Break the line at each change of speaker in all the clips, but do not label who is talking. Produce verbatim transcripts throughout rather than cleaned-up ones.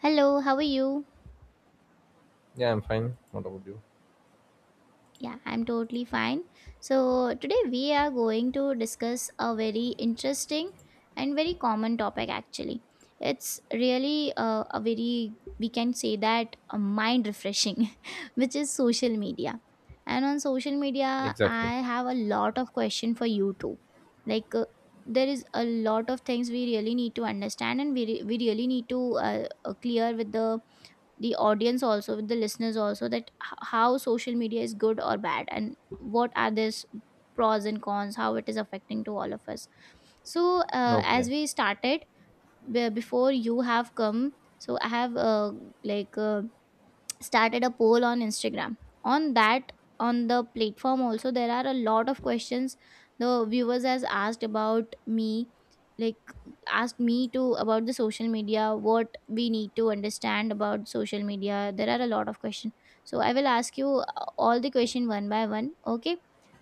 Hello, how are you?
Yeah, I'm fine. What about you?
Yeah, I'm totally fine. So today we are going to discuss a very interesting and very common topic actually. It's really uh, a very, we can say that, a mind refreshing, which is social media. And on social media,
Exactly.
I have a lot of question for you too. Like, uh, there is a lot of things we really need to understand, and we, re- we really need to uh, uh, clear with the the audience, also with the listeners also, that h- how social media is good or bad, and what are this pros and cons, how it is affecting to all of us. So uh, as
Okay.
we started, be- before you have come, so I have, uh, like, uh, started a poll on Instagram. On that, on the platform also, there are a lot of questions. The viewers has asked about me, like asked me to about the social media, what we need to understand about social media. There are a lot of questions. So I will ask you uh, all the question one by one, okay?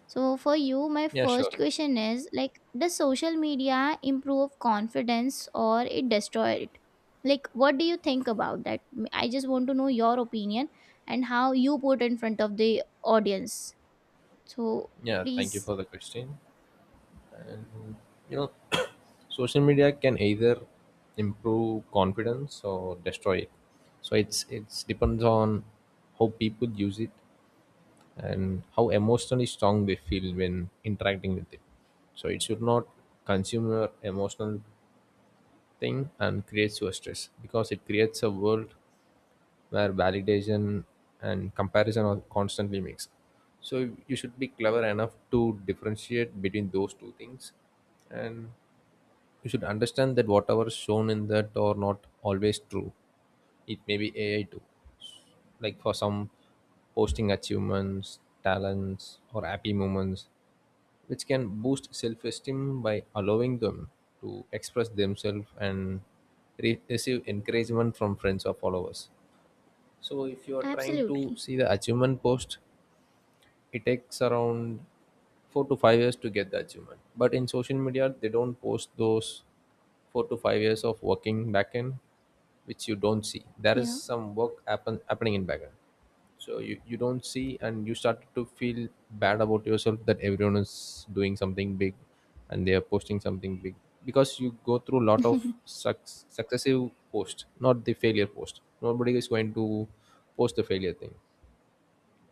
So for you, my
Yeah, sure.
first question is, like, does social media improve confidence or it destroy it? Like, what do you think about that? I just want to know your opinion and how you put in front of the audience. So
Yeah, thank you
please.
for the question. And you know, social media can either improve confidence or destroy it. So it's it's depends on how people use it and how emotionally strong they feel when interacting with it. So it should not consume your emotional thing and creates your stress because it creates a world where validation and comparison are constantly mixed. So you should be clever enough to differentiate between those two things, and you should understand that whatever is shown in that are not always true. It may be A I too, like for some posting achievements, talents, or happy moments, which can boost self-esteem by allowing them to express themselves and re- receive encouragement from friends or followers. So if you are trying to
Absolutely.
see the achievement post, it takes around four to five years to get the achievement. But in social media, they don't post those four to five years of working backend, which you don't see. There is
Yeah.
some work happen, happening in backend. So you, you don't see and you start to feel bad about yourself that everyone is doing something big and they are posting something big, because you go through a lot of suc- successive posts, not the failure post. Nobody is going to post the failure thing,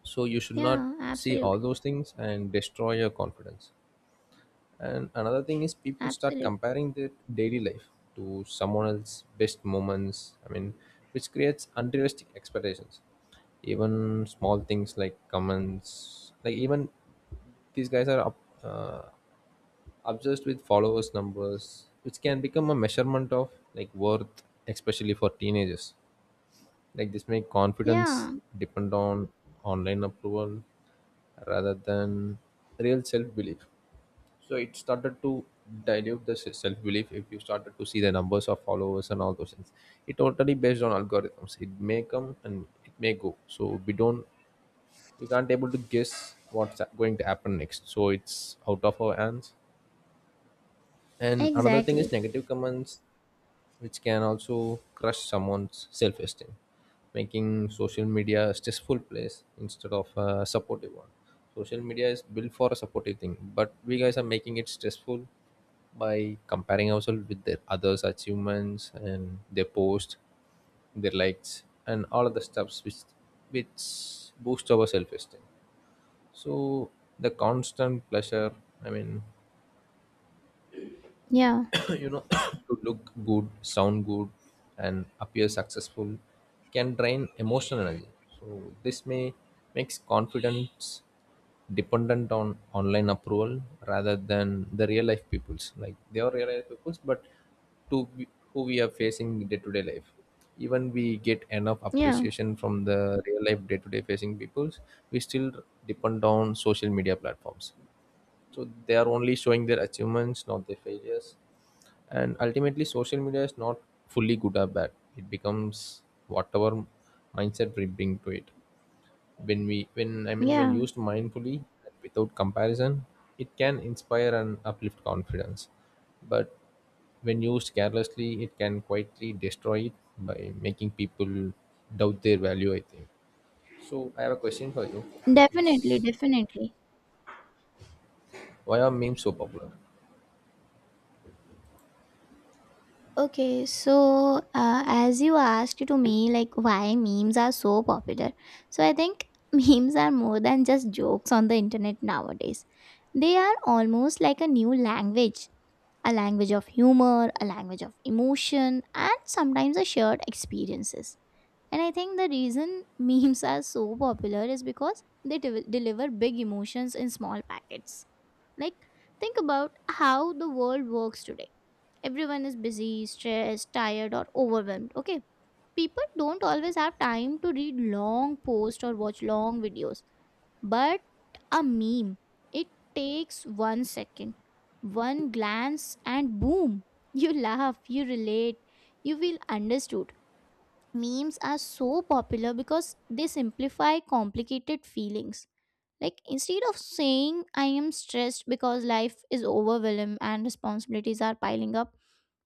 so you should not
Yeah,
see all
absolutely.
those things and destroy your confidence. And another thing is, people start
Absolutely.
comparing their daily life to someone else's best moments, I mean, which creates unrealistic expectations. Even small things like comments, like even these guys are up, uh, obsessed with followers numbers, which can become a measurement of like worth, especially for teenagers. Like this make confidence
Yeah,
depend on online approval rather than real self-belief. So it started to dilute the se- self-belief if you started to see the numbers of followers and all those things. It totally based on algorithms. It may come and it may go, so we don't we can't able to guess what's going to happen next, so it's out of our hands. And another thing is
exactly.
negative comments, which can also crush someone's self-esteem, making social media a stressful place instead of a supportive one. Social media is built for a supportive thing, but we guys are making it stressful by comparing ourselves with the others' achievements and their posts, their likes, and all of the stuffs which which boost our self-esteem. So the constant pleasure, I mean,
Yeah,
you know to look good, sound good, and appear successful can drain emotional energy. So this may makes confidence dependent on online approval rather than the real life peoples, like they are real life peoples, but to be- who we are facing day to day life. Even we get enough
yeah,
appreciation from the real life day to day facing peoples, we still depend on social media platforms. So they are only showing their achievements, not their failures. And ultimately, social media is not fully good or bad. It becomes whatever mindset we bring to it, when we when, I mean, when
yeah.
used mindfully and without comparison, it can inspire and uplift confidence. But when used carelessly, it can quietly destroy it by making people doubt their value, I think. So I have a question for you, which is,
Definitely, definitely.
why are memes so popular?
Okay, so uh, as you asked to me, like, why memes are so popular. So I think memes are more than just jokes on the internet nowadays. They are almost like a new language, a language of humor, a language of emotion, and sometimes a shared experiences. And I think the reason memes are so popular is because they de- deliver big emotions in small packets. Like, think about how the world works today. Everyone is busy, stressed, tired, or overwhelmed. Okay. People don't always have time to read long posts or watch long videos. But a meme, it takes one second, one glance, and boom, you laugh, you relate, you feel understood. Memes are so popular because they simplify complicated feelings. Like, instead of saying I am stressed because life is overwhelmed and responsibilities are piling up,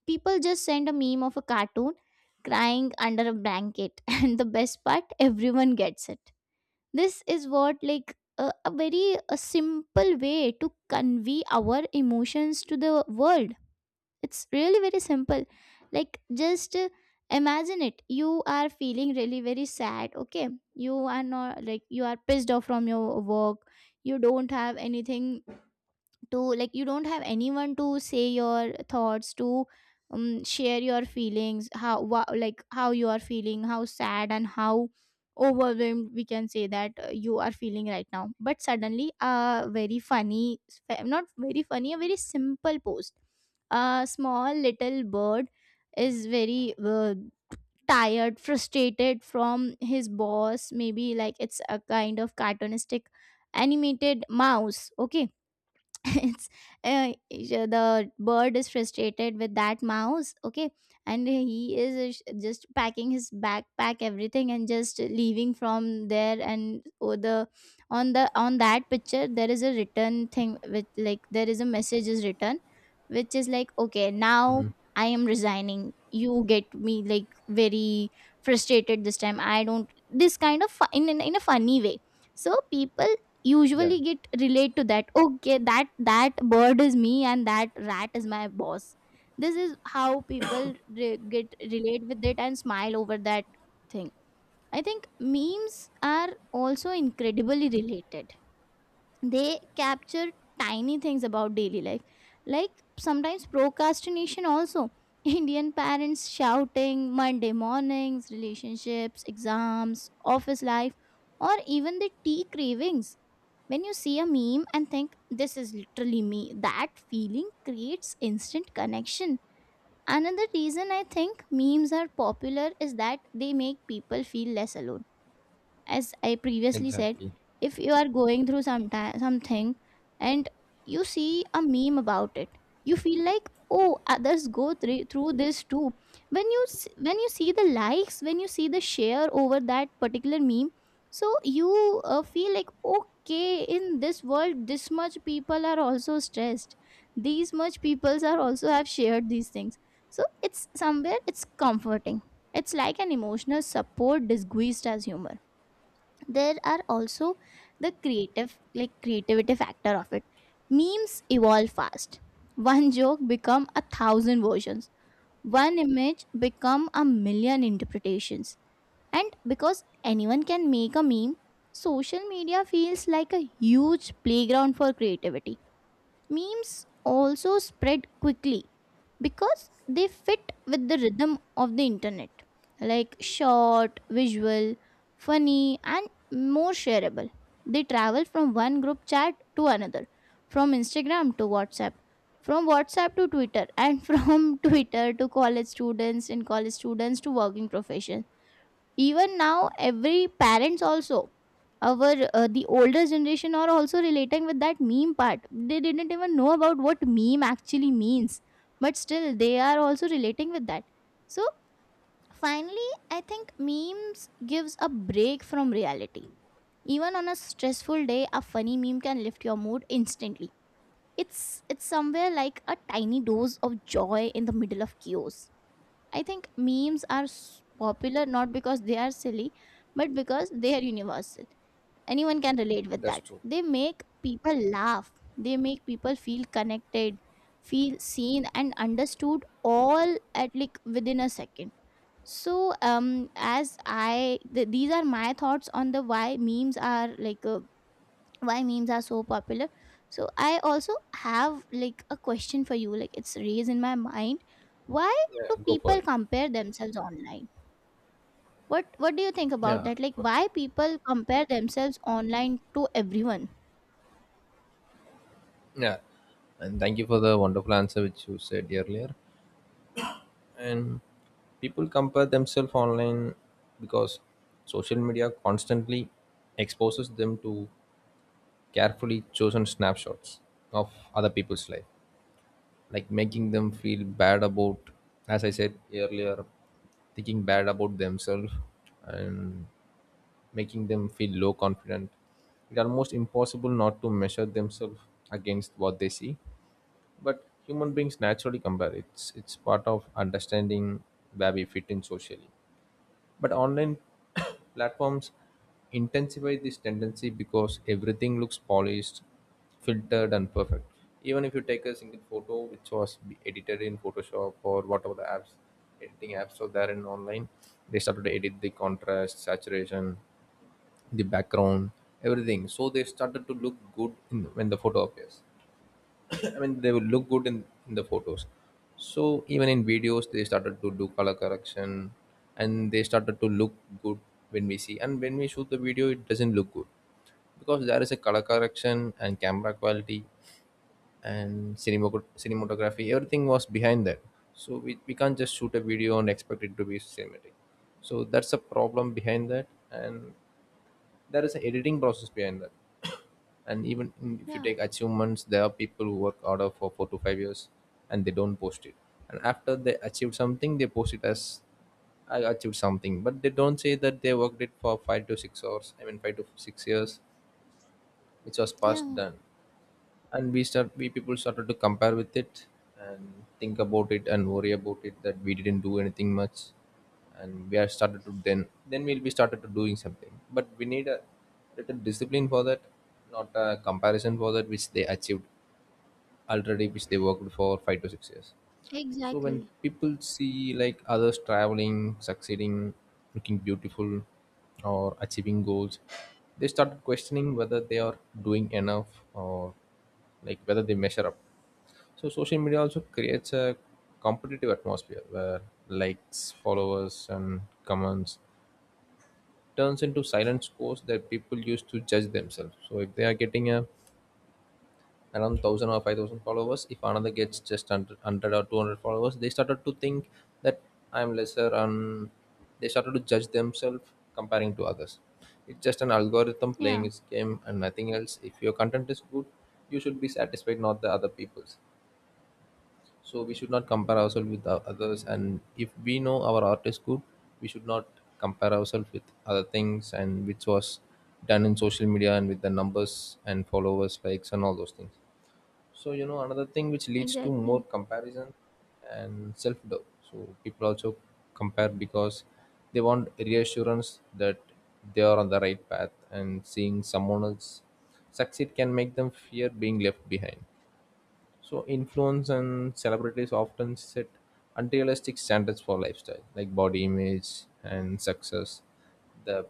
people just send a meme of a cartoon crying under a blanket, and the best part, everyone gets it. This is what, like, a, a very a simple way to convey our emotions to the world. It's really very simple. Like, just uh, imagine it, you are feeling really very sad, okay? You are not, like, you are pissed off from your work, you don't have anything to, like, you don't have anyone to say your thoughts to, um, share your feelings, how wha- like how you are feeling, how sad and how overwhelmed, we can say that, uh, you are feeling right now. But suddenly a very funny, fa- not very funny, a very simple post. A small little bird is very uh, tired, frustrated from his boss, maybe, like, it's a kind of cartoonistic animated mouse, okay? It's uh, the bird is frustrated with that mouse, okay? And he is uh, just packing his backpack, everything, and just leaving from there. And oh, the on the on that picture, there is a written thing with, like, there is a message is written, which is like, okay, now I am resigning, you get me, like, very frustrated this time, I don't, this kind of fu- in, in in a funny way. So people
Yeah.
usually get relate to that, okay, that that bird is me and that rat is my boss. This is how people re- get relate with it and smile over that thing. I think memes are also incredibly related. They capture tiny things about daily life, like sometimes procrastination also, Indian parents shouting, Monday mornings, relationships, exams, office life, or even the tea cravings. When you see a meme and think, this is literally me, that feeling creates instant connection. Another reason I think memes are popular is that they make people feel less alone. As I previously said,
Exactly.
if you are going through some something and you see a meme about it, you feel like, oh, others go thr- through this too. When you s- when you see the likes, when you see the share over that particular meme, so you uh, feel like, okay, in this world, this much people are also stressed. These much peoples are also have shared these things. So it's somewhere it's comforting. It's like an emotional support disguised as humor. There are also the creative, like, creativity factor of it. Memes evolve fast. One joke become a thousand versions, one image become a million interpretations. And because anyone can make a meme, social media feels like a huge playground for creativity. Memes also spread quickly because they fit with the rhythm of the internet, like short, visual, funny, and more shareable. They travel from one group chat to another, from Instagram to WhatsApp, from WhatsApp to Twitter, and from Twitter to college students, and college students to working profession. Even now, every parents also, our uh, the older generation are also relating with that meme part. They didn't even know about what meme actually means, but still they are also relating with that. So finally, I think memes gives a break from reality. Even on a stressful day, a funny meme can lift your mood instantly. It's it's somewhere like a tiny dose of joy in the middle of chaos. I think memes are s- popular not because they are silly, but because they are universal. Anyone can relate with
That's
that.
true.
They make people laugh, they make people feel connected, feel seen, and understood all at, like, within a second. So, um, as I th- these are my thoughts on the, why memes are like uh, why memes are so popular. So I also have, like, a question for you, like, it's raised in my mind, why
Yeah,
do
go for
people
it.
compare themselves online? What what do you think about
Yeah.
that? Like,
for-
why people compare themselves online to everyone?
Yeah, and thank you for the wonderful answer which you said earlier. And people compare themselves online because social media constantly exposes them to carefully chosen snapshots of other people's life, like making them feel bad about, as I said earlier, thinking bad about themselves and making them feel low confident. It's almost impossible not to measure themselves against what they see. But human beings naturally compare. It's it's part of understanding where we fit in socially. But online, platforms intensify this tendency because everything looks polished, filtered, and perfect. Even if you take a single photo which was be- edited in Photoshop or whatever the apps, editing apps are there in online, they started to edit the contrast, saturation, the background, everything. So they started to look good in, when the photo appears. I mean, they will look good in, in the photos. So even in videos, they started to do color correction, and they started to look good when we see. And when we shoot the video, it doesn't look good because there is a color correction and camera quality and cinemato- cinematography. Everything was behind that. So we, we can't just shoot a video and expect it to be cinematic. So that's a problem behind that, and there is an editing process behind that. And even in- if you
Yeah.
take achievements, there are people who work harder for four to five years and they don't post it. And after they achieve something, they post it as I achieved something, but they don't say that they worked it for five to six hours, I mean, five to six years, which was past
Yeah,
done. And we start we people started to compare with it and think about it and worry about it that we didn't do anything much. And we are started to, then then we'll be started to doing something, but we need a little discipline for that, not a comparison for that which they achieved already, which they worked for five to six years. So when
exactly.
people see like others traveling, succeeding, looking beautiful, or achieving goals, they start questioning whether they are doing enough or like whether they measure up. So social media also creates a competitive atmosphere where likes, followers, and comments turns into silent scores that people use to judge themselves. So if they are getting a around one thousand or five thousand followers, if another gets just one hundred or two hundred followers, they started to think that I'm lesser, and they started to judge themselves comparing to others. It's just an algorithm playing
Yeah,
its game and nothing else. If your content is good, you should be satisfied, not the other people's. So we should not compare ourselves with the others, and if we know our art is good, we should not compare ourselves with other things, and which was done in social media and with the numbers and followers, likes, and all those things. So you know another thing which leads to more
exactly.
comparison and self doubt. So people also compare because they want reassurance that they are on the right path, and seeing someone else succeed can make them fear being left behind. So influence and celebrities often set unrealistic standards for lifestyle like body image and success, the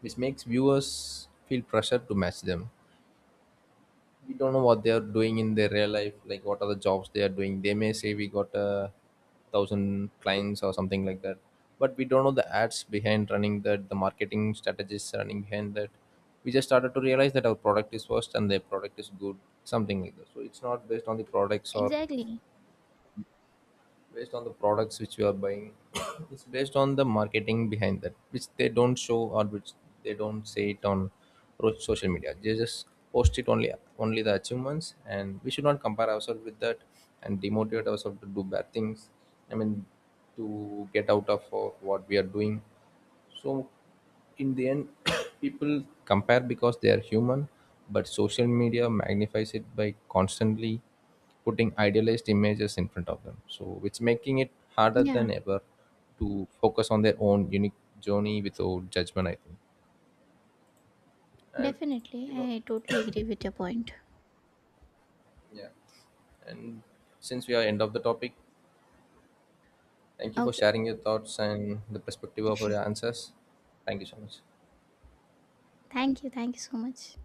which makes viewers feel pressure to match them. We don't know what they are doing in their real life, like what are the jobs they are doing. They may say we got a thousand clients or something like that, but we don't know the ads behind running that, the marketing strategies running behind that. We just started to realize that our product is first and their product is good, something like that. So it's not based on the products or
Exactly.
based on the products which you are buying, it's based on the marketing behind that, which they don't show or which they don't say it on ro- social media. They just post it only only the achievements, and we should not compare ourselves with that and demotivate ourselves to do bad things. I mean, to get out of uh, what we are doing. So in the end, people compare because they are human, but social media magnifies it by constantly putting idealized images in front of them. So which making it harder than
Yeah,
ever to focus on their own unique journey without judgment, I think. And
definitely,
you know,
I totally agree with your point.
yeah. And since we are end of the topic, thank you for
Okay,
sharing your thoughts and the perspective of your answers. Thank you so much.
thank you, thank you so much.